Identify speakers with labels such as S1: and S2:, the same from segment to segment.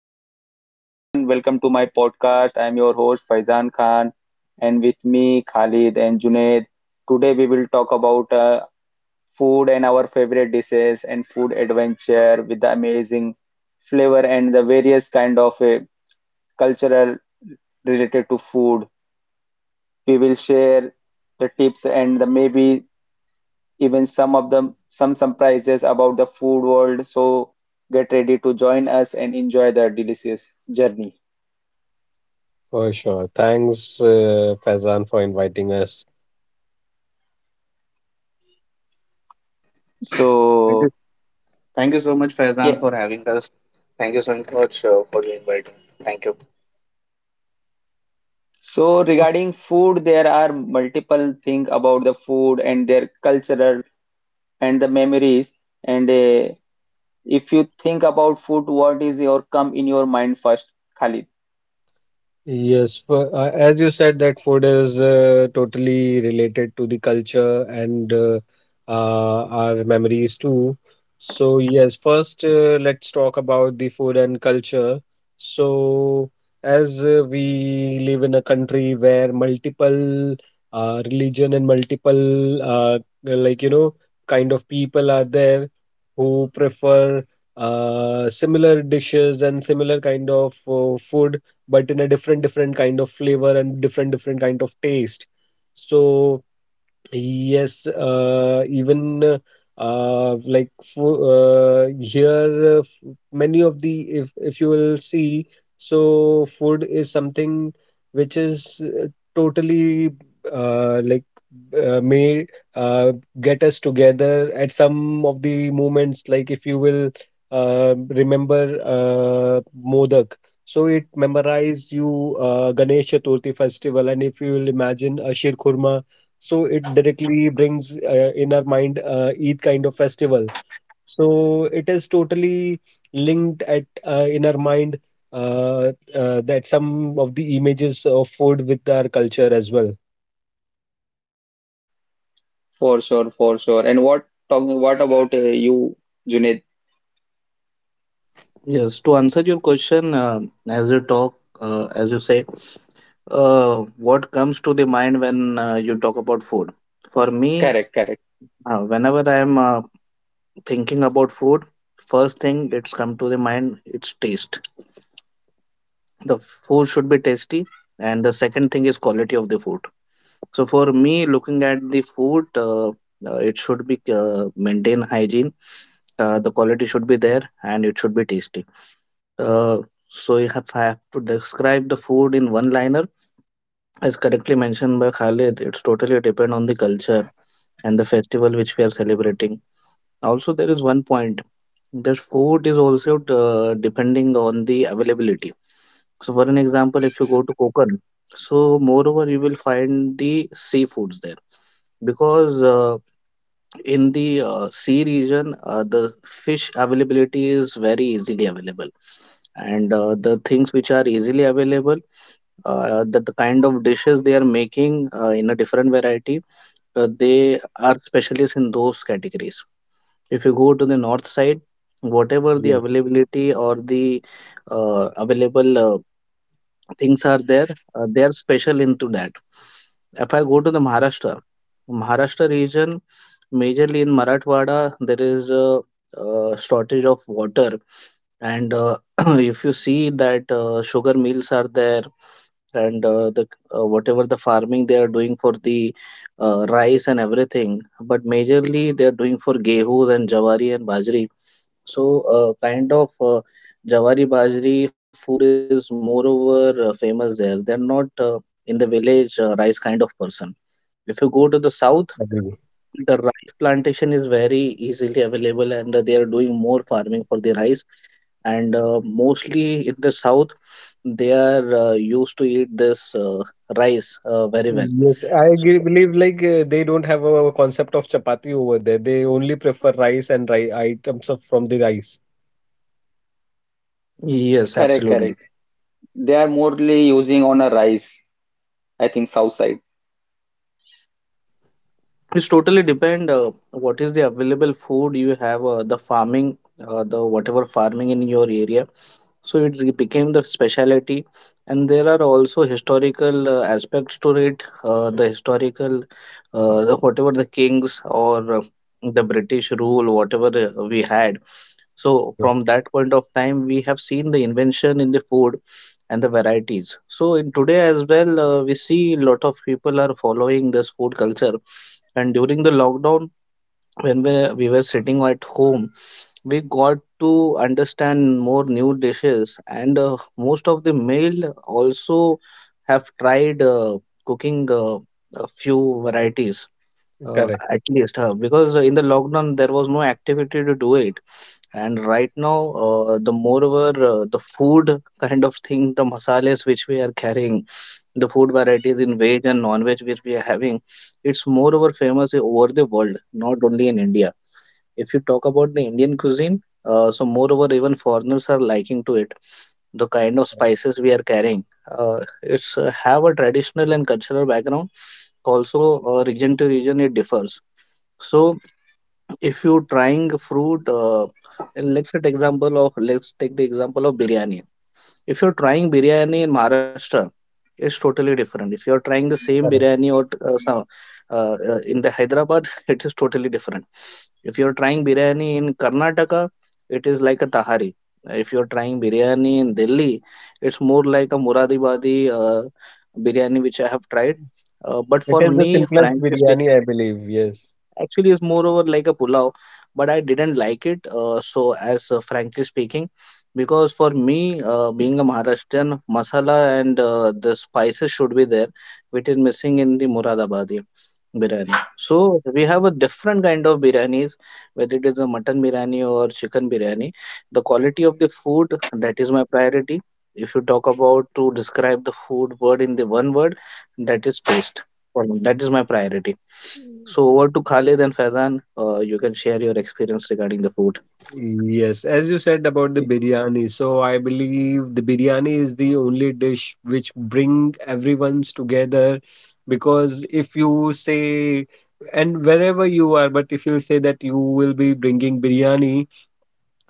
S1: So, hello everyone, welcome to my podcast. I'm your host Faizan Khan, and with me Khalid and Junaid. Today, we will talk about food and our favorite dishes and food adventure with the amazing flavor and the various kind of cultural related to food. We will share the tips and the maybe even some surprises about the food world. So get ready to join us and enjoy the delicious journey.
S2: For sure. Thanks, Faizan, for inviting us.
S3: Thank
S1: So.
S3: you. Thank you so much, Faizan,
S1: Yeah.
S3: for having us. Thank you so much for your inviting. Thank you.
S1: So regarding food, there are multiple things about the food and their cultural and the memories. And If you think about food, what is your come in your mind first, Khalid?
S2: Yes, as you said, that food is totally related to the culture and our memories too. So, yes, first let's talk about the food and culture. So, as we live in a country where multiple religion and multiple, kind of people are there who prefer similar dishes and similar kind of food, but in a different different kind of flavor and different different kind of taste. So yes, here, many of the, if you will see, so food is something which is totally like may uh, get us together at some of the moments. Like if you will remember Modak, so it memorize you Ganesh Chaturthi festival, and if you will imagine a Shirkhurma, so it directly brings in our mind Eid kind of festival. So it is totally linked at in our mind that some of the images of food with our culture as well.
S1: For sure, for sure. And what talking? What about you, Junaid?
S3: Yes, to answer your question, as you talk, as you say, uh, what comes to the mind when you talk about food? For me,
S1: Correct, correct.
S3: whenever I am thinking about food, first thing it's come to the mind, it's taste. The food should be tasty, and the second thing is quality of the food. So for me, looking at the food, it should be maintain hygiene. The quality should be there, and it should be tasty. Uh, so if I have to describe the food in one liner, as correctly mentioned by Khalid, it's totally depend on the culture and the festival which we are celebrating. Also, there is one point the food is also depending on the availability. So, for an example, if you go to Konkan, so moreover, you will find the seafoods there because in the sea region, the fish availability is very easily available. And the things which are easily available, that the kind of dishes they are making in a different variety, they are specialists in those categories. If you go to the north side, whatever the
S2: Yes,
S3: availability or the available things are there, they are special into that. If I go to the Maharashtra, Maharashtra region, majorly in Marathwada, there is a shortage of water, and if you see that sugar mills are there, and the whatever the farming they are doing for the rice and everything, but majorly they are doing for gehus and jawari and bajri. So kind of jawari bajri food is moreover famous there. They are not in the village rice kind of person. If you go to the south,
S2: agree.
S3: the rice plantation is very easily available, and they are doing more farming for the rice, and mostly in the south they are used to eat this rice very well.
S2: Yes,
S3: So
S2: believe like they don't have a concept of chapati over there. They only prefer rice and rice items of, from the rice.
S3: yes,
S1: Correct,
S3: absolutely.
S1: correct. They are mostly using on a rice, I think, south side.
S3: It's totally depend what is the available food you have, the farming, the whatever farming in your area. So it became the specialty, and there are also historical aspects to it. The historical, the whatever the kings or the British rule whatever we had. So
S2: Yeah.
S3: from that point of time, we have seen the invention in the food and the varieties. So in today as well, we see a lot of people are following this food culture. And during the lockdown, when we were sitting at home, we got to understand more new dishes. And most of the male also have tried cooking a few varieties.
S2: Correct,
S3: At least, because in the lockdown there was no activity to do it, and right now, the moreover, the food kind of thing, the masales which we are carrying, the food varieties in veg and non-veg which we are having, it's moreover famous over the world, not only in India. If you talk about the Indian cuisine, so moreover, even foreigners are liking to it. The kind of spices we are carrying, it's have a traditional and cultural background. Also, region to region, it differs. So if you're trying fruit let's take the example of biryani. If you're trying biryani in Maharashtra, it's totally different. If you're trying the same biryani
S2: correct.
S3: or some in the Hyderabad, it is totally different. If you're trying biryani in Karnataka, it is like a tahari. If you're trying biryani in Delhi, it's more like a muradibadi biryani, which I have tried. But
S2: It
S3: for
S2: is the
S3: me,
S2: simplest
S3: frankly speaking,
S2: biryani, I believe. Yes.
S3: actually, it's moreover like a pulao, but I didn't like it. So, as frankly speaking, because for me, being a Maharashtrian, masala and the spices should be there, which is missing in the Muradabadi biryani. So we have a different kind of biryanis, whether it is a mutton biryani or chicken biryani. The quality of the food, that is my priority. If you talk about to describe the food word in the one word, that is taste. For me, that is my priority. So over to Khalid and Faizan, you can share your experience regarding the food.
S2: Yes, as you said about the biryani, so I believe the biryani is the only dish which bring everyone's together, because if you say, and wherever you are, but if you say that you will be bringing biryani,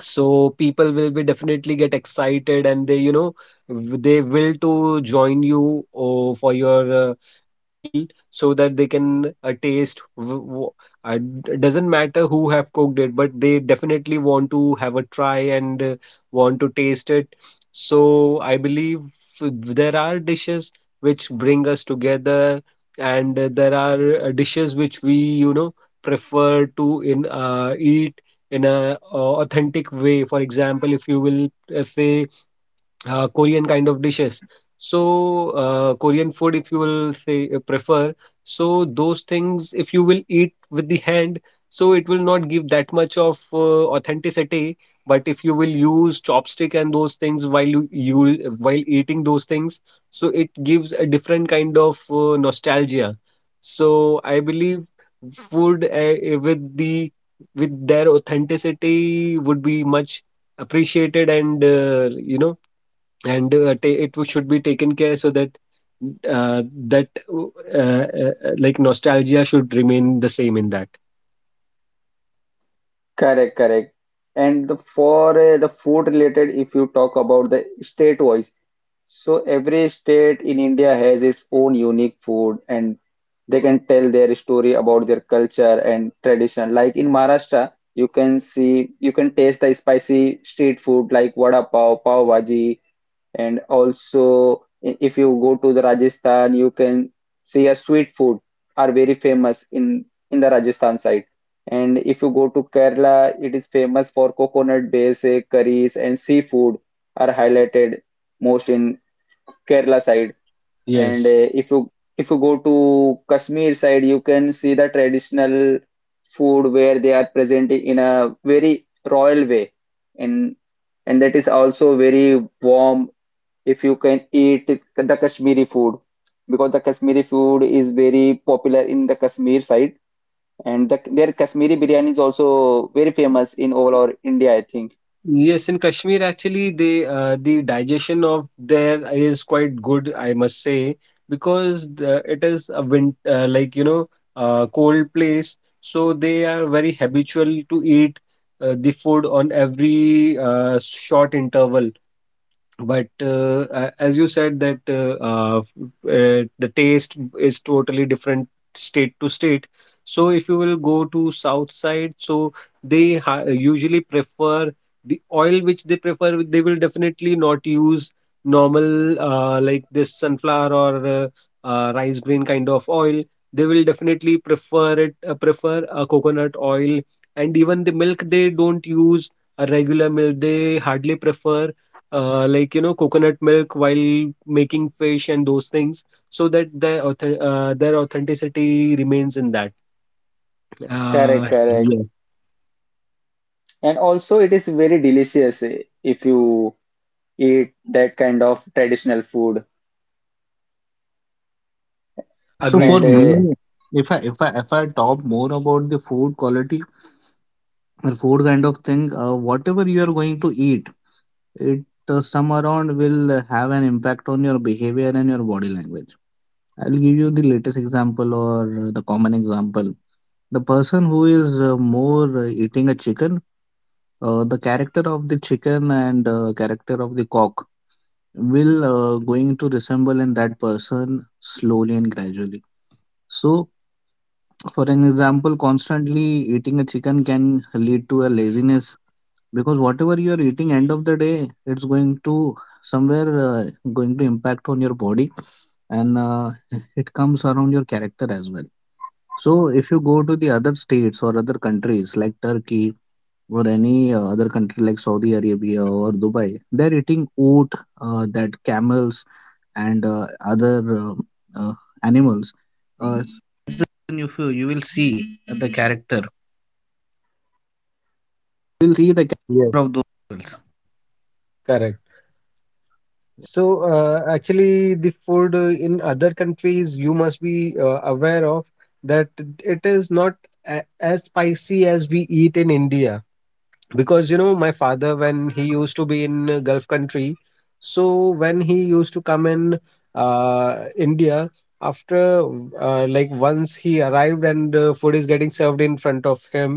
S2: so people will be definitely get excited and they will to join you for your meal, so that they can taste. Doesn't matter who have cooked it, but they definitely want to have a try and want to taste it. So I believe, so there are dishes which bring us together, and there are dishes which we prefer to in eat in a authentic way. For example, if you will say Korean kind of dishes. So, Korean food, if you will say prefer, so those things, if you will eat with the hand, so it will not give that much of authenticity. But if you will use chopstick and those things while you while eating those things, so it gives a different kind of nostalgia. So I believe food with their authenticity would be much appreciated and you know and ta- it should be taken care, so that uh, that uh, uh, nostalgia should remain the same in that.
S1: Correct, correct. And the, for the food related, if you talk about the state wise, so every state in India has its own unique food and they can tell their story about their culture and tradition. Like in Maharashtra, you can see, you can taste the spicy street food like vada pav, pav bhaji, and also, if you go to the Rajasthan, you can see a sweet food are very famous in the Rajasthan side. And if you go to Kerala, it is famous for coconut based curries and seafood are highlighted most in Kerala side. And
S2: Yes.
S1: if you go to Kashmir side, you can see the traditional food where they are present in a very royal way. And and that is also very warm if you can eat the Kashmiri food because the Kashmiri food is very popular in the Kashmir side and the, their Kashmiri biryani is also very famous in all over India, I think.
S2: Yes, in Kashmir, actually, they the digestion of there is quite good, I must say, because the, it is a win like you know cold place, so they are very habitual to eat the food on every short interval. But as you said that the taste is totally different state to state. So if you will go to south side, so they usually prefer the oil which they prefer. They will definitely not use normal, like this sunflower or rice grain kind of oil. They will definitely prefer a coconut oil. And even the milk, they don't use a regular milk. They hardly prefer, coconut milk while making fish and those things, so that their their authenticity remains in that.
S1: Correct,
S2: Uh,
S1: correct.
S2: yes,
S1: And also it is very delicious if you eat that kind of traditional food
S3: So
S2: Agree
S3: for
S1: and
S2: with your point.
S3: me, if I talk more about the food quality or food kind of thing, whatever you are going to eat, it some around will have an impact on your behavior and your body language. I'll give you the latest example or the common example. The person who is more eating a chicken, the character of the chicken and character of the cock will going to resemble in that person slowly and gradually. So for an example, constantly eating a chicken can lead to a laziness, because whatever you are eating, end of the day, it's going to somewhere going to impact on your body, and it comes around your character as well. So if you go to the other states or other countries like Turkey or any other country like Saudi Arabia or Dubai, they're eating oat, that camels, and other uh, uh, animals.
S2: Yes, correct. So, actually, the food in other countries, you must be aware of that it is not a as spicy as we eat in India. Because you know, my father, when he used to be in gulf country, so when he used to come in uh, India, after once he arrived, and food is getting served in front of him,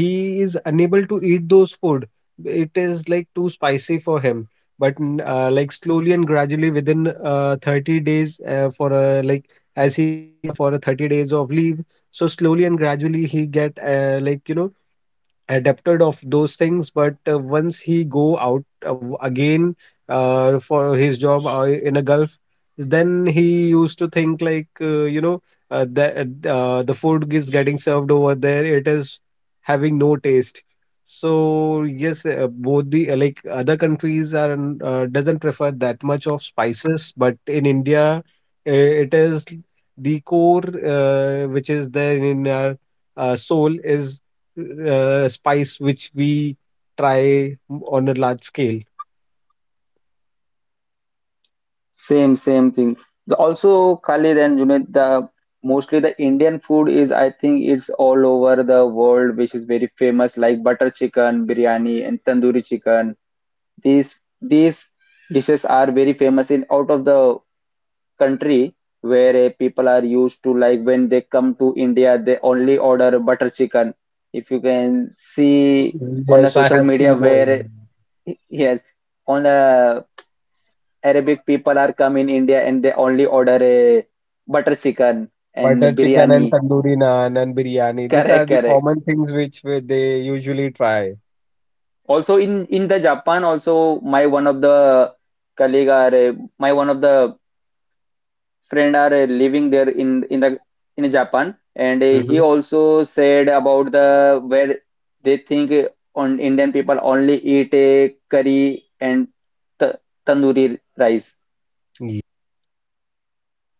S2: he is unable to eat those food. It is like too spicy for him. But slowly and gradually, within 30 days, for a, like as he come for a 30 days of leave, so slowly and gradually he get, adapted of those things. But once he go out, again for his job in a gulf, then he used to think like, uh, the the food is getting served over there, it is having no taste. So yes, both the, other countries are doesn't prefer that much of spices, but in India, it is the core which is there in our soul is spice which we try on a large scale.
S1: same thing. Also Khalid and you know the mostly the Indian food is I think it's all over the world which is very famous like butter chicken, biryani and tandoori chicken. These dishes are very famous in out of the country where people are used to like when they come to India, they only order butter chicken. If you can see on the
S2: Yes, I
S1: social
S2: have seen
S1: media where
S2: oil.
S1: yes, on the Arabic people are come in India and they only order a butter chicken
S2: Butter
S1: and
S2: chicken and
S1: biryani.
S2: tandoori naan and biryani. These
S1: Correct,
S2: are the
S1: correct.
S2: common things which they usually try.
S1: Also in the Japan also my one of the colleague are my one of the friend are living there in the in Japan, and he
S2: Hmm.
S1: also said about the where they think on Indian people only eat curry and t- tandoori rice.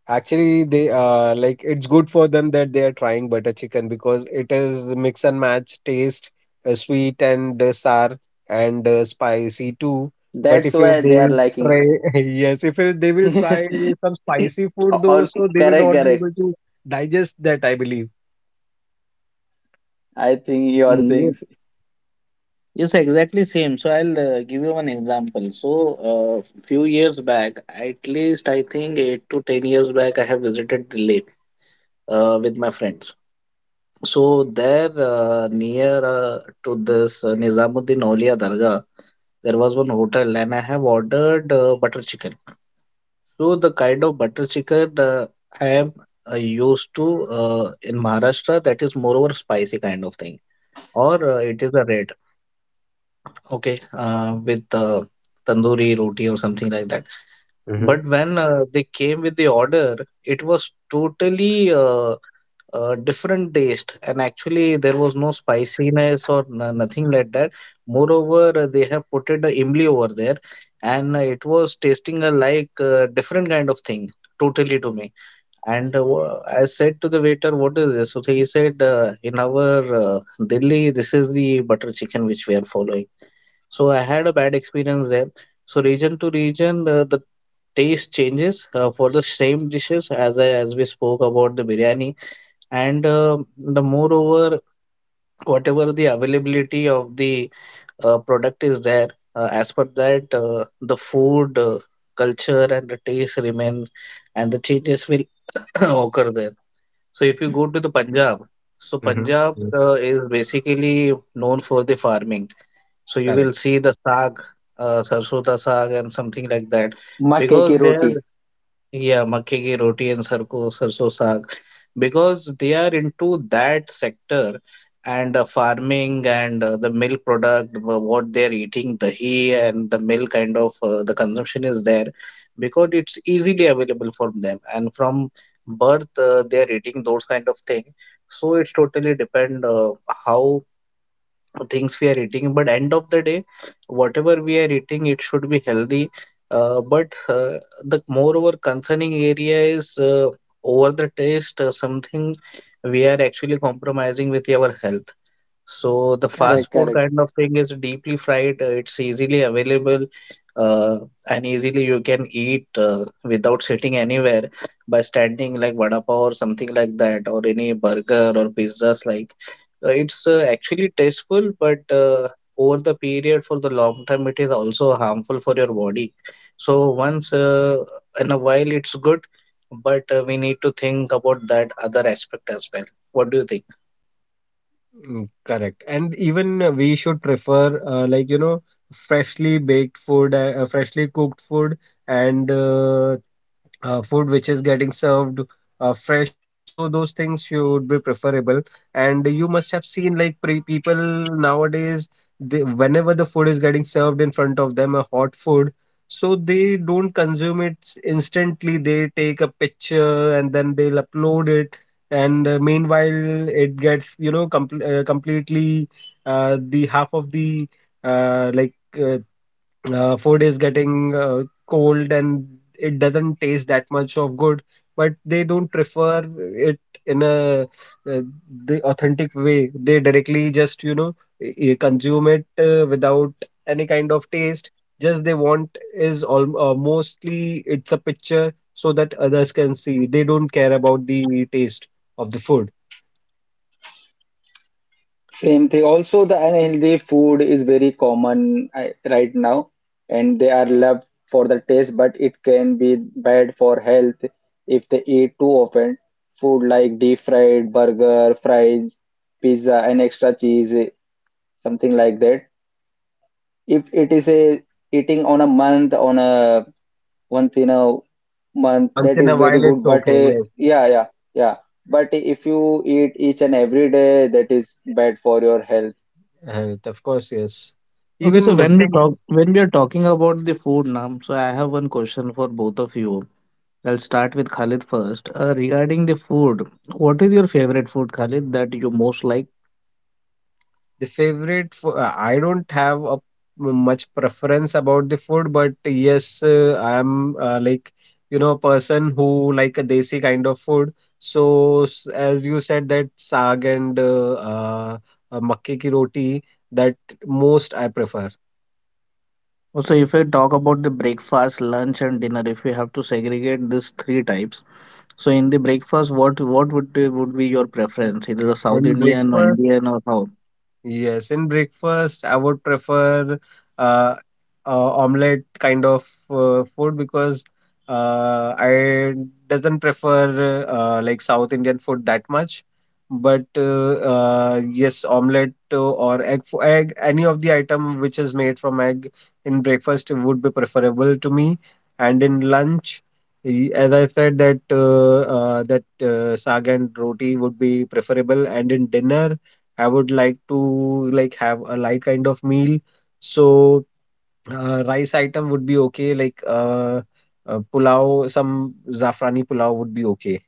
S2: Actually, they like it's good for them that they are trying butter chicken, because it is mix and match taste, sweet and sour and spicy too. But
S1: That's
S2: if you,
S1: why
S2: they
S1: they are
S2: will try.
S1: liking.
S2: yes, if you, they will try some spicy food though,
S1: All
S2: so they will
S1: correct,
S2: not be
S1: correct.
S2: able to digest that, I believe.
S1: I think you are saying
S3: Mm, yes. Yes, exactly same. So I'll give you one example. So few years back, at least I think 8 to 10 years back, I have visited Delhi with my friends. So there, near to this Nizamuddin Aulia Dargah, there was one hotel, and I have ordered butter chicken. So the kind of butter chicken I am used to in Maharashtra, that is moreover spicy kind of thing, or it is a red. Okay, with tandoori roti or something like that.
S2: Mm-hmm.
S3: But when they came with the order, it was totally different taste, and actually there was no spiciness or nothing like that. Moreover, they have put it imli over there, and it was tasting like different kind of thing, totally to me. And I said to the waiter, "What is this?" So he said, "In our Delhi, this is the butter chicken which we are following." So I had a bad experience there. So region to region, the taste changes for the same dishes, as we spoke about the biryani, and the moreover, whatever the availability of the product is there, as per that, the food culture and the taste remain, and the changes will occur there. So if you go to the Punjab, so
S2: Mm-hmm.
S3: Punjab
S2: Yes.
S3: is basically known for the farming, so you will
S2: Correct.
S3: see the saag, sarson da saag and something like that.
S1: makke ki
S3: Because they
S1: roti.
S3: are, yeah, makke ki roti and sarso saag. Because they are into that sector and farming and the milk product, what they are eating, the ghee and the milk kind of the consumption is there, because it's easily available for them. And from birth, they are eating those kind of thing. So it's totally depend how things we are eating, but end of the day, whatever we are eating, it should be healthy, but the moreover concerning area is, over the taste, something we are actually compromising with our health. So the
S2: Correct.
S1: Correct,
S3: fast food
S1: correct.
S3: kind of thing is deeply fried. It's easily available, uh, and easily you can eat without sitting anywhere, by standing, like vada pav or something like that, or any burger or pizzas. Like it's actually tasteful, but over the period for the long time, it is also harmful for your body. So once in a while, it's good, but we need to think about that other aspect as well. What do you think?
S2: Mm, correct. And even, we should prefer, freshly baked food, freshly cooked food, and food which is getting served fresh. So those things should be preferable. And you must have seen like people nowadays, they, whenever the food is getting served in front of them, a hot food, so they don't consume it instantly. They take a picture and then they'll upload it. And meanwhile, it gets, you know, completely the half of the uh, like uh, food is getting cold and it doesn't taste that much of good, but they don't prefer it in a uh, the authentic way. They directly just consume it without any kind of taste. Just they want is all, mostly it's a picture so that others can see. They don't care about the taste of the food.
S1: Same thing. Also, the unhealthy food is very common right now, and they are loved for the taste, but it can be bad for health if they eat too often. Food like deep fried burger, fries, pizza, and extra cheese, something like that. If it is a eating on a month, on a once in a month,
S2: Once
S1: that
S2: in
S1: is
S2: a
S1: very
S2: while
S1: good.
S2: it's
S1: But
S2: okay,
S1: uh,
S2: yes.
S1: yeah, yeah, yeah. But if you eat each and every day, that is bad for your health.
S2: Of course, yes.
S3: Okay, so
S2: Even
S3: when
S2: nothing.
S3: we are talking about the food now, so I have one question for both of you. I'll start with Khalid first. Regarding the food, what is your favorite food, Khalid, that you most like?
S2: The favorite fo I don't have a much preference about the food, but yes, I am, a person who like a desi kind of food. So as you said that saag and makke ki roti, that most I prefer.
S3: Also, if I talk about the breakfast, lunch, and dinner, if we have to segregate these three types, so in the breakfast, what would be your preference? Either a South
S2: And
S3: Indian or
S2: breakfast.
S3: Indian or how?
S2: Yes, in breakfast, I would prefer uh, omelette kind of food, because I doesn't prefer, like South Indian food that much. But yes, omelette or egg, egg, any of the item which is made from egg in breakfast would be preferable to me. And in lunch, as I said, that saag and roti would be preferable. And in dinner, I would like to like have a light kind of meal. So rice item would be okay. Like pulao, some zafrani pulao would be okay.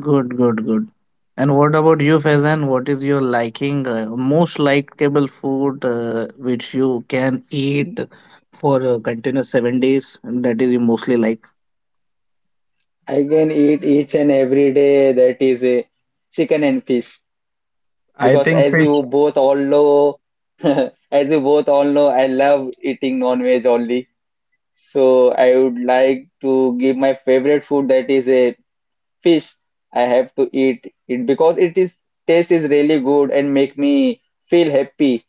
S3: Good, good, good. And what about you, Faizan? What is your liking, most likable food which you can eat for continuous 7 days? And that is you mostly like.
S1: I can eat each and every day that is a chicken and fish
S2: I
S1: because
S2: think
S1: as you
S2: fish.
S1: both all know as you both all know I love eating non-veg only, so I would like to give my favorite food that is a fish. I have to eat it because it is taste is really good and make me feel happy,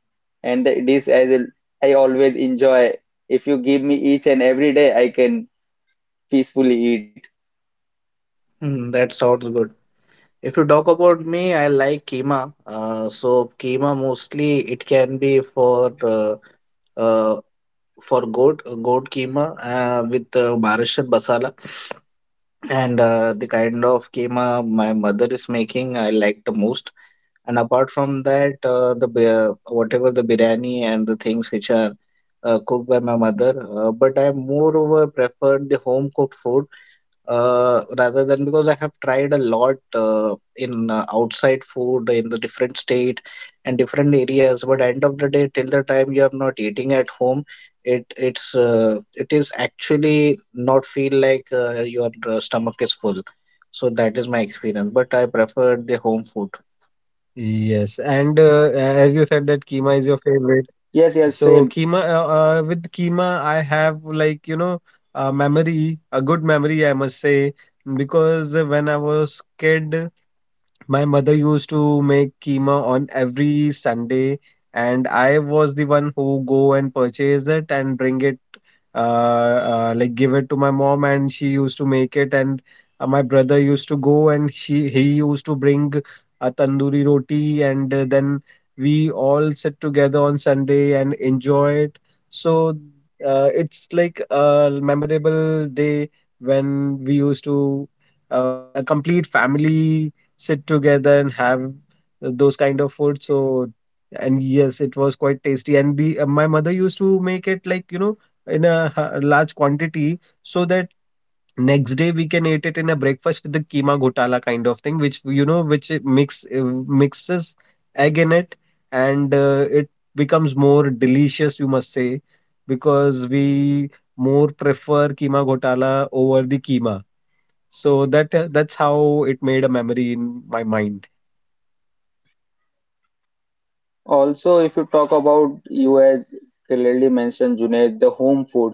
S1: and that this as a, I always enjoy. If you give me each and every day I can peacefully eat.
S3: Hmm, that sounds good. If you talk about me, I like keema. So keema mostly it can be uh, for goat keema with Maharashtrian masala. And the kind of keema my mother is making, I like the most. And apart from that, whatever the biryani and the things which are cooked by my mother, but I moreover preferred the home cooked food rather than because I have tried a lot in outside food in the different state and different areas. But end of the day, till the time you are not eating at home, it is actually not feel like your stomach is full. So that is my experience. But I preferred the home food.
S2: Yes, and as you said that keema is your
S1: Yes, yes,
S2: favorite.
S1: same.
S2: So keema with keema, I have, a memory, a good memory, I must say, because when I was kid, my mother used to make keema on every Sunday, and I was the one who go and purchase it and bring it, uh, give it to my mom, and she used to make it. And my brother used to go and she he used to bring a tandoori roti, and then we all sit together on Sunday and enjoy it. So it's like a memorable day when we used to, a complete family, sit together and have those kind of food. So, and yes, it was quite tasty. And the my mother used to make it, in a large quantity, so that next day we can eat it in a breakfast with the keema ghotala kind of thing, which you know, which it mixes egg in it, and it becomes more delicious, you must say, because we more prefer keema ghotala over the keema. So that that's how it made a memory in my mind.
S1: Also, if you talk about you as clearly mentioned, Junaid, the home food.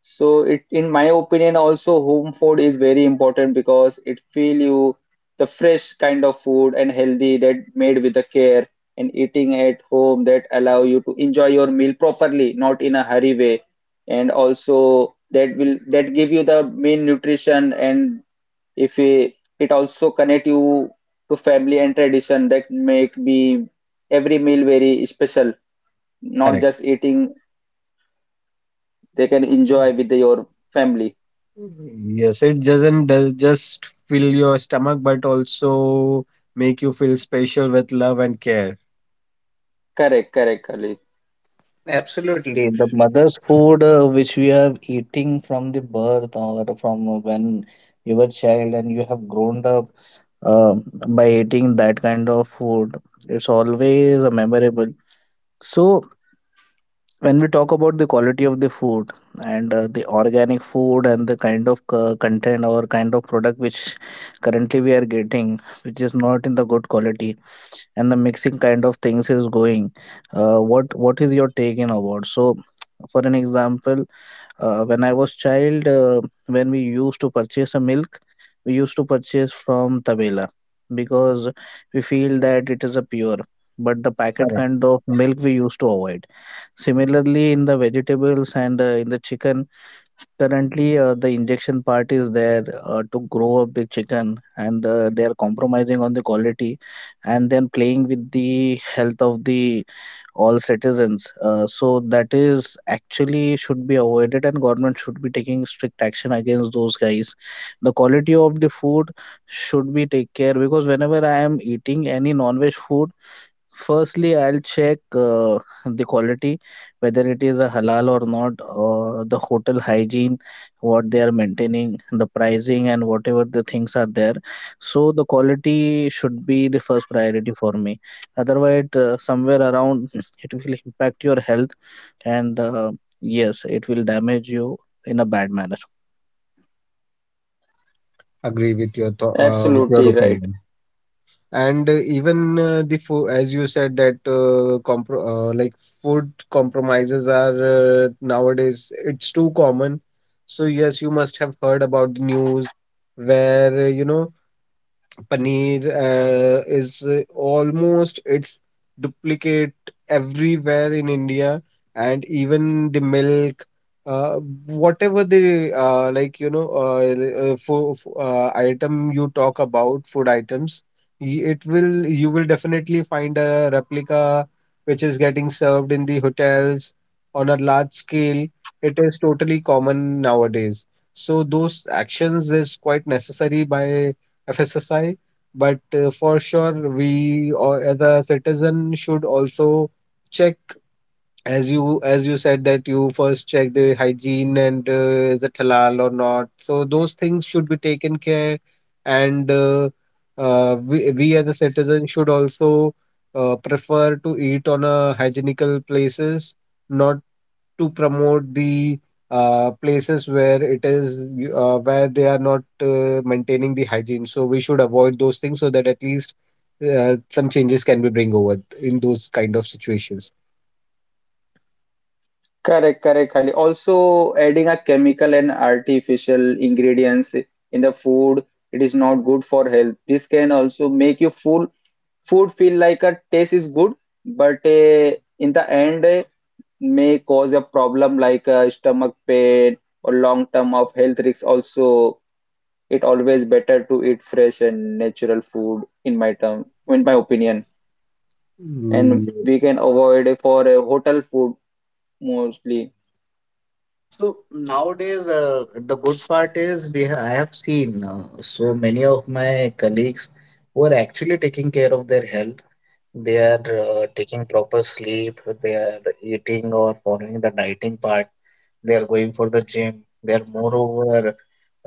S1: So it, in my opinion, also home food is very important because it feel you the fresh kind of food and healthy that made with the care, and eating at home that allow you to enjoy your meal properly, not in a hurry way. And also that will that give you the main nutrition, and if we, it also connect you to family and tradition that make be every meal very special, not
S2: Correct.
S1: just eating. They can enjoy with your family.
S2: Yes, it doesn't does just fill your stomach, but also make you feel special with love and care.
S1: Correct, correct, Khalid.
S3: Absolutely. The mother's food, which we have eating from the birth or from when you were child and you have grown up uh, by eating that kind of food, it's always memorable. So when we talk about the quality of the food and the organic food and the kind of content or kind of product which currently we are getting, which is not in the good quality and the mixing kind of things is going, what is your take in about? So for an example, when I was child, when we used to purchase a milk, we used to purchase from tabela because we feel that it is a pure, but the packet
S2: Correct.
S3: kind of milk we used to avoid. Similarly in the vegetables and in the chicken. Currently, the injection part is there to grow up the chicken, and they are compromising on the quality, and then playing with the health of the all citizens. So that is actually should be avoided, and government should be taking strict action against those guys. The quality of the food should be take care because whenever I am eating any non-veg food. Firstly, I'll check the quality, whether it is a halal or not, the hotel hygiene, what they are maintaining, the pricing, and whatever the things are there. So the quality should be the first priority for me. Otherwise, somewhere around it will impact your health, and yes, it will damage you in a bad manner.
S2: Agree with your with your
S1: Absolutely right.
S2: opinion. And even the food, as you said that compro like food compromises are, nowadays it's too common. So yes, you must have heard about the news where Paneer is almost its duplicate everywhere in India, and even the milk, uh, whatever the for item you talk about, food items, y- it will you will definitely find a replica which is getting served in the hotels on a large scale. It is totally common nowadays. So those actions is quite necessary by FSSI, but for sure, we or as a citizen should also check, as you said, that you first check the hygiene and is it halal or not, so those things should be taken care. And We as a citizen should also prefer to eat on a hygienical places, not to promote the places where it is where they are not maintaining the hygiene, so we should avoid those things so that at least some changes can be bring over in those kind of situations.
S1: Correct, correct, Khalid. Also adding a chemical and artificial ingredients in the food, it is not good for health. This can also make you full food feel like a taste is good, but in the end may cause a problem like stomach pain or long term of health risks also. It always better to eat fresh and natural food in my term, in my opinion, and
S2: Mm.
S1: we can avoid it for a hotel food mostly.
S3: So nowadays, the good part is we ha I have seen so many of my colleagues who are actually taking care of their health. They are taking proper sleep, they are eating or following the dieting part, they are going for the gym, they are moreover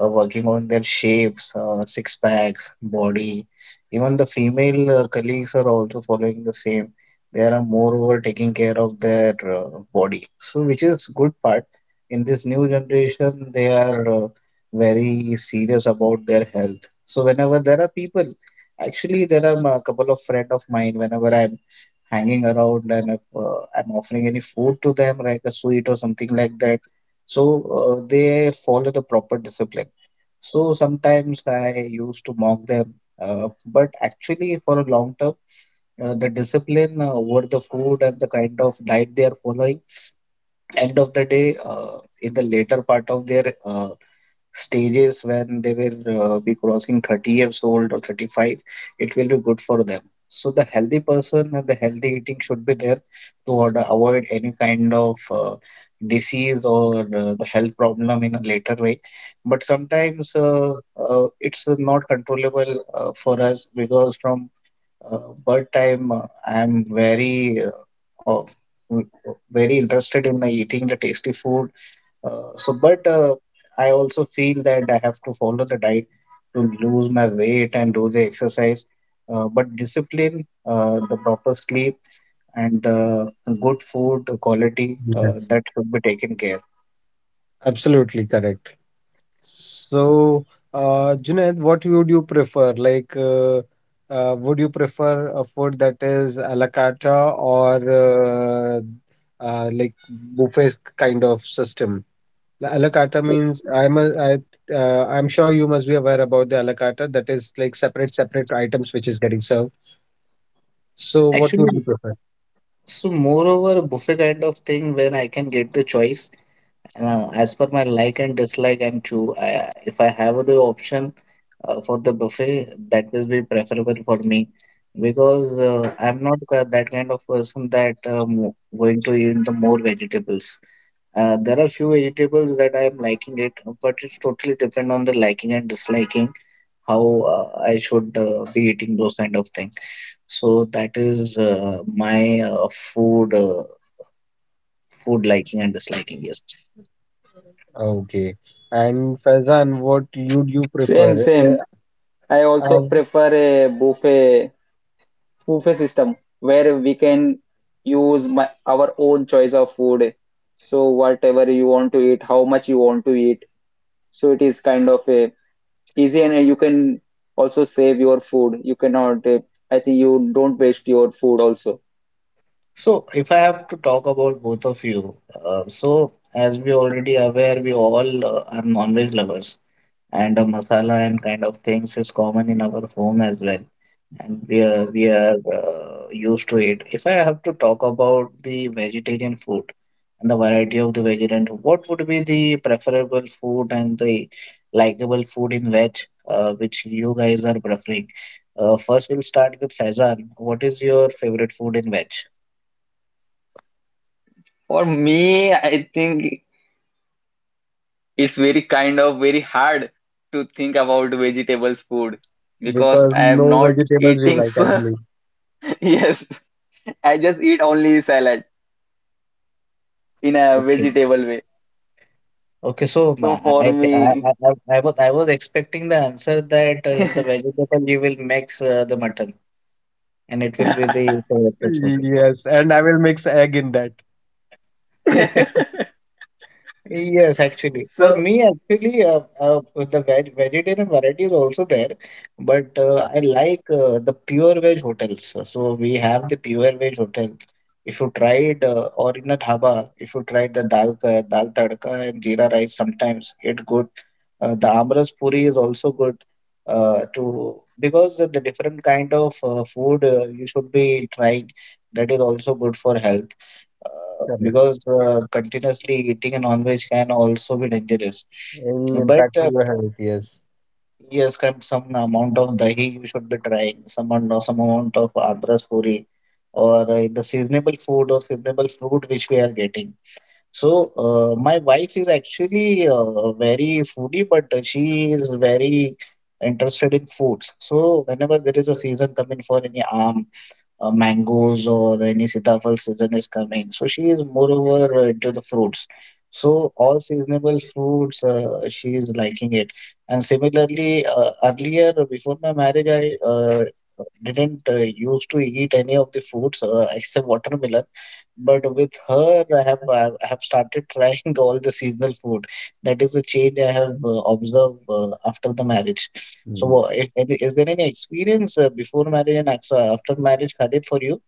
S3: working on their shapes, six packs, body. Even the female colleagues are also following the same. They are moreover taking care of their body. So, which is good part. In this new generation, they are very serious about their health. So, whenever there are people. Actually, there are a couple of friend of mine whenever I'm hanging around and if I'm offering any food to them, like a sweet or something like that, so they follow the proper discipline. So sometimes I used to mock them, but actually for a long term, the discipline over the food and the kind of diet they are following end of the day, in the later part of their stages when they will be crossing 30 years old or 35, it will be good for them. So the healthy person and the healthy eating should be there to order, avoid any kind of disease or the health problem in a later way. But sometimes it's not controllable for us because from uh, but I'm very uh, very interested in eating the tasty food. So, but I also feel that I have to follow the diet to lose my weight and do the exercise. But discipline, the proper sleep, and the good food quality
S2: Yes,
S3: that should be taken care.
S2: absolutely correct. So, Junaid, what would you prefer? Like, would you prefer a food that is a la carte or like buffet kind of system? A la carte means I'm sure you must be aware about the a la carte, that is like separate separate items which is getting served. So, what would you
S3: Actually,
S2: prefer?
S3: so moreover, buffet kind of thing when I can get the choice. As per my like and dislike and choose, if I have the option for the buffet, that will be preferable for me because I'm not ki- that kind of person that going to eat the more vegetables. There are few vegetables that I am liking it, but it's totally depend on the liking and disliking how I should be eating those kind of things. So that is my food food liking and disliking. Yes.
S2: Okay. And Faizan, what would you
S1: Same,
S2: prefer?
S1: same. I also
S2: Uh,
S1: prefer a buffet, buffet system where we can use my, our own choice of food, so whatever you want to eat how much you want to eat. So it is kind of a easy and you can also save your food. You cannot, I think you don't waste your food also.
S3: So, if I have to talk about both of you, so as we already aware, we all are non-veg lovers, and masala and kind of things is common in our home as well, and we are used to it. If I have to talk about the vegetarian food and the variety of the vegetarian, what would be the preferable food and the likable food in veg, which you guys are preferring? First, we'll start with Faizan. What is your favorite food in veg?
S1: For me, I think it's very kind of very hard to think about vegetables food because
S2: because
S1: I
S2: no
S1: am not
S2: vegetables you
S1: eating.
S2: like, I
S1: So yes, I just eat only salad in a
S3: Okay.
S1: vegetable way.
S3: Okay, so
S1: So
S3: ma-
S1: for
S3: I, I, I,
S1: me,
S3: I, I was expecting the answer that in the vegetable you will mix the mutton and it will be the favorite food for
S2: believe. Yes, and I will mix egg in that.
S3: you. Yes, actually, for
S1: so.
S3: me, actually, the vegetarian variety is also there, but I like the pure veg hotels. So we have the pure veg hotel. If you tried or in a dhaba, if you tried the dal tadka and jeera rice, sometimes it good. The amras puri is also good. To because of the different kind of food you should be trying that is also good for health
S2: Correct.
S3: because continuously eating a non-veg can also be dangerous.
S2: In
S3: But
S2: impact for your health, yes.
S3: yes, come some amount of dahi you should be trying, some amount of andhras puri, or the seasonable food or seasonable fruit which we are getting. So my wife is actually very foodie, but she is very interested in foods. So whenever there is a season coming for any mangoes or any sitafal season is coming. So she is moreover into the fruits. So all seasonable fruits, she is liking it. And similarly, earlier before my marriage, I didn't used to eat any of the fruits except watermelon. But with her, I have started trying all the seasonal food. That is the change I have observed after the marriage. So,
S2: Mm.
S3: is there any experience before marriage and after marriage, Khalid, for you?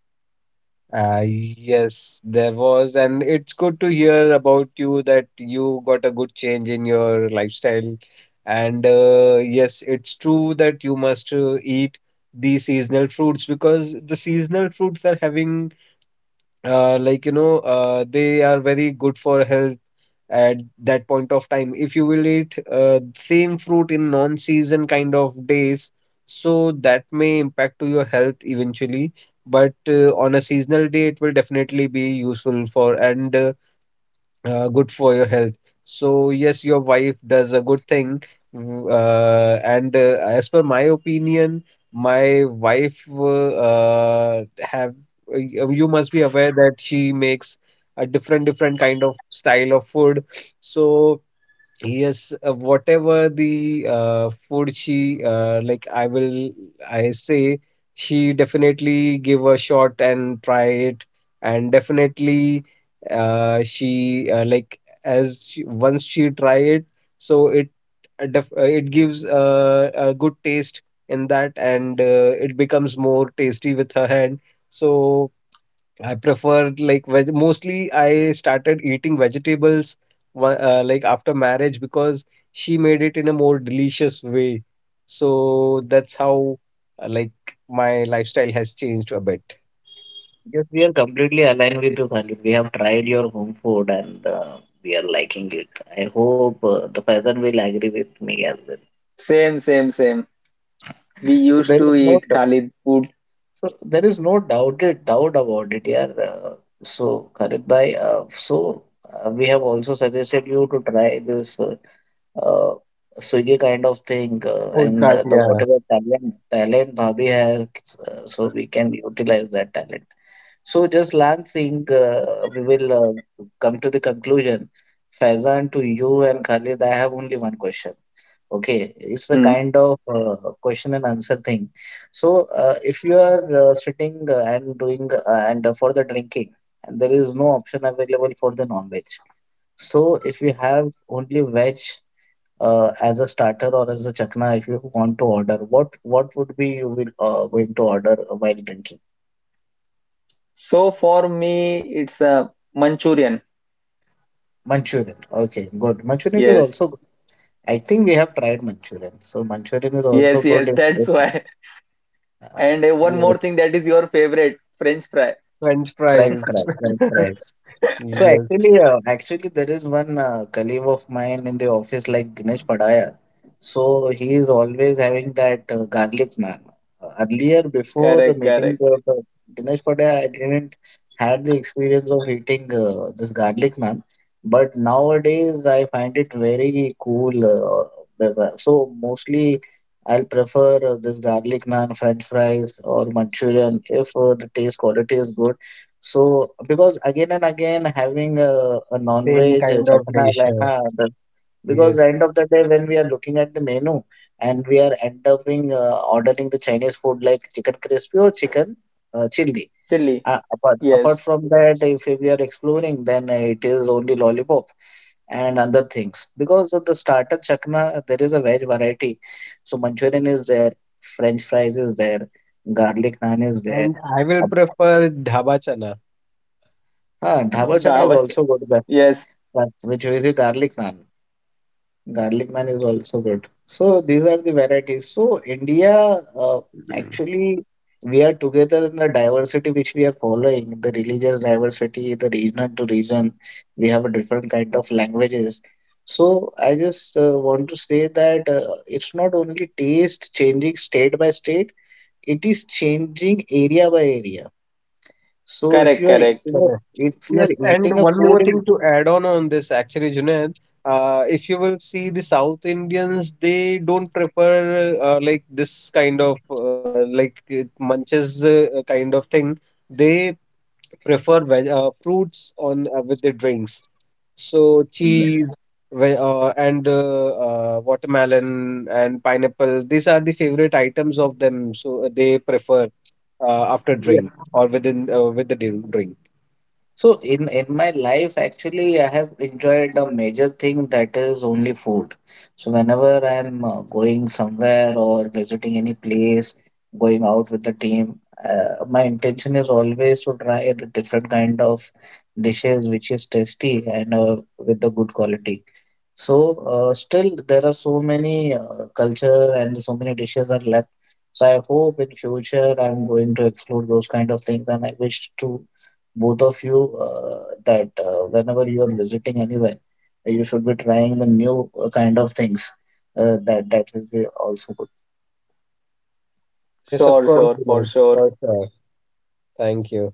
S2: Yes, there was, and it's good to hear about you that you got a good change in your lifestyle. And yes, it's true that you must eat the seasonal fruits, because the seasonal fruits are having, they are very good for health at that point of time. If you will eat same fruit in non-season kind of days, so that may impact to your health eventually. But on a seasonal day, it will definitely be useful for and good for your health. So yes, your wife does a good thing. And as per my opinion, my wife have you must be aware that she makes a different different kind of style of food. So yes, whatever the food she like, I will, I say, she definitely give a shot and try it, and definitely she like, as she, once she try it, so it def it gives a good taste in that, and it becomes more tasty with her hand. So I prefer like veg, mostly I started eating vegetables like after marriage, because she made it in a more delicious way. So that's how, like, my lifestyle has changed a bit.
S3: Yes, we are completely aligned with you, Khalid. We have tried your home food and we are liking it. I hope the Faizan will agree with me as well.
S1: Same, same, same. We
S3: So
S1: used
S3: there is
S1: to
S3: no
S1: eat Khalid food.
S3: So there is no doubt about it, yeah. So Khalid bhai, we have also suggested you to try this uh, Swiggy kind of thing,
S2: Food
S3: and
S2: cart,
S3: the
S2: yeah.
S3: whatever talent Bhabhi has, so we can utilize that talent. So just last thing, we will come to the conclusion. Faizan, to you and Khalid, I have only one question. Okay, it's the
S1: Hmm.
S3: kind of question and answer thing. So if you are sitting and doing and for the drinking, and there is no option available for the non-veg. So if you have only veg as a starter or as a chakna, if you want to order, what would be you will going to order while drinking?
S1: So for me, it's a Manchurian.
S3: Manchurian. Okay, good. Manchurian is
S1: Yes,
S3: also good. I think we have tried Manchurian. So Manchurian is also
S1: yes, yes,
S3: good
S1: that's
S3: if
S1: why.
S3: uh,
S1: And one
S2: Yes.
S1: more thing that is your favorite, French fry.
S2: French
S3: French
S2: fries.
S3: fries, French fries. So
S2: Yes.
S3: actually, actually, there is one colleague of mine in the office like Dinesh Padaya. So he is always having that garlic naan. Earlier, before
S1: Correct,
S3: meeting
S1: correct.
S3: the Dinesh Padaya, I didn't had the experience of eating this garlic naan. But nowadays, I find it very cool. So mostly, I'll prefer this garlic naan, French fries, or Manchurian if the taste quality is good. So, because again and again having a
S2: Same
S3: non-veg
S2: kind of
S3: chakna
S2: dish,
S3: like
S2: yeah.
S3: because
S2: Yes.
S3: end of the day when we are looking at the menu and we are end up being ordering the Chinese food like chicken crispy or chicken chili.
S1: Chili.
S3: Apart
S1: Yes.
S3: from that, if we are exploring, then it is only lollipop and other things. Because of the starter chakna, there is a veg variety. So Manchurian is there, French fries is there, garlic naan is there.
S2: And I will prefer dhaba chana.
S3: Dhaba chana is
S1: Dawat.
S3: also good.
S1: Yes,
S3: That which is a garlic naan. Garlic naan is also good. So these are the varieties. So India, uh, actually, we are together in the diversity which we are following, the religious diversity, the region to region. We have a different kind of languages. So I just want to say that it's not only taste changing state by state, it is changing area by area. So if
S1: correct,
S3: you are
S1: correct.
S3: eating
S2: Mm.
S3: if you
S2: Yes,
S3: are eating
S2: and
S3: a
S2: one
S3: food
S2: more thing
S3: in
S2: to add on this actually, Junaid, if you will see the South Indians, they don't prefer like this kind of like it munches kind of thing. They prefer veg fruits on with the drinks. So
S3: yes.
S2: cheese, ve and watermelon and pineapple. These are the favorite items of them. So they prefer after
S3: Yes.
S2: drink or within with the drink.
S3: So in my life, actually, I have enjoyed a major thing that is only food. So whenever I'm going somewhere or visiting any place, going out with the team, my intention is always to try the different kind of dishes which is tasty and with the good quality. So, still there are so many culture and so many dishes are left. So I hope in future I'm going to explore those kind of things, and I wish to both of you that whenever you are visiting anywhere, you should be trying the new kind of things. That will be also good.
S2: Yes, of
S1: Sure,
S2: course,
S1: sure, for
S2: Vinod.
S1: sure.
S2: For sure. Thank you.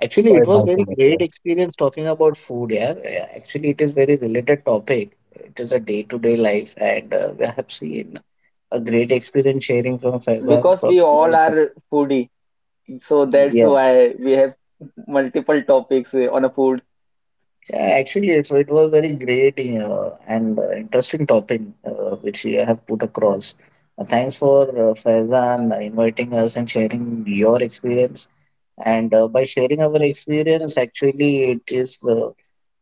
S3: Actually,
S2: Bye
S3: it was
S2: bye. For
S3: very
S2: inviting
S3: great
S2: us.
S3: experience talking about food. Yeah. Actually, it is very related topic. It is a day-to-day life, and we have seen a great experience sharing from Faizan.
S1: Because
S3: From,
S1: we all are foodie, so that's
S3: yes,
S1: why we have multiple topics on a food.
S3: yeah, actually, it was very great and interesting topic which you have put across. Thanks for Faizan inviting us and sharing your experience. And by sharing our experience, actually, it is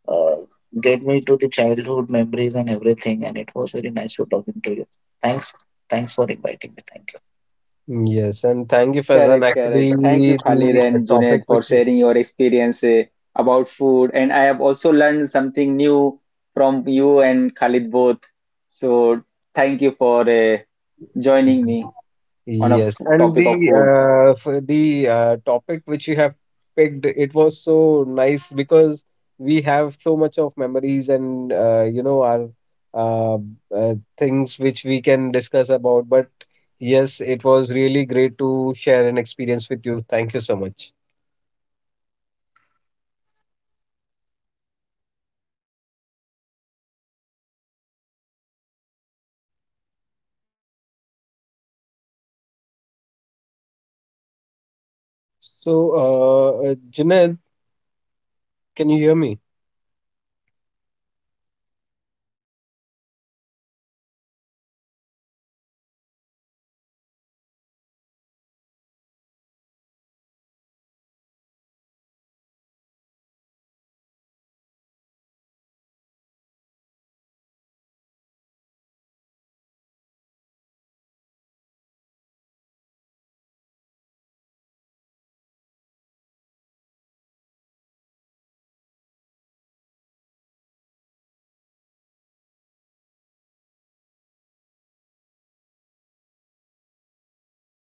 S3: uh, get me to the childhood memories and everything. And it was very nice to talking to you. Thanks, thanks for inviting me. Thank you.
S2: Yes, and thank you, Faizan.
S1: Correct,
S2: Actually,
S1: correct. Thank you, Khalid
S2: the
S1: and
S2: topic
S1: Junaid, for
S2: which,
S1: sharing your experience about food. And I have also learned something new from you and Khalid both. So thank you for joining me on a
S2: yes, and
S1: topic of
S2: the,
S1: food.
S2: for the topic which you have picked, it was so nice, because we have so much of memories and, you know, our uh, things which we can discuss about. But yes, it was really great to share an experience with you. Thank you so much. So, Junaid, can you hear me?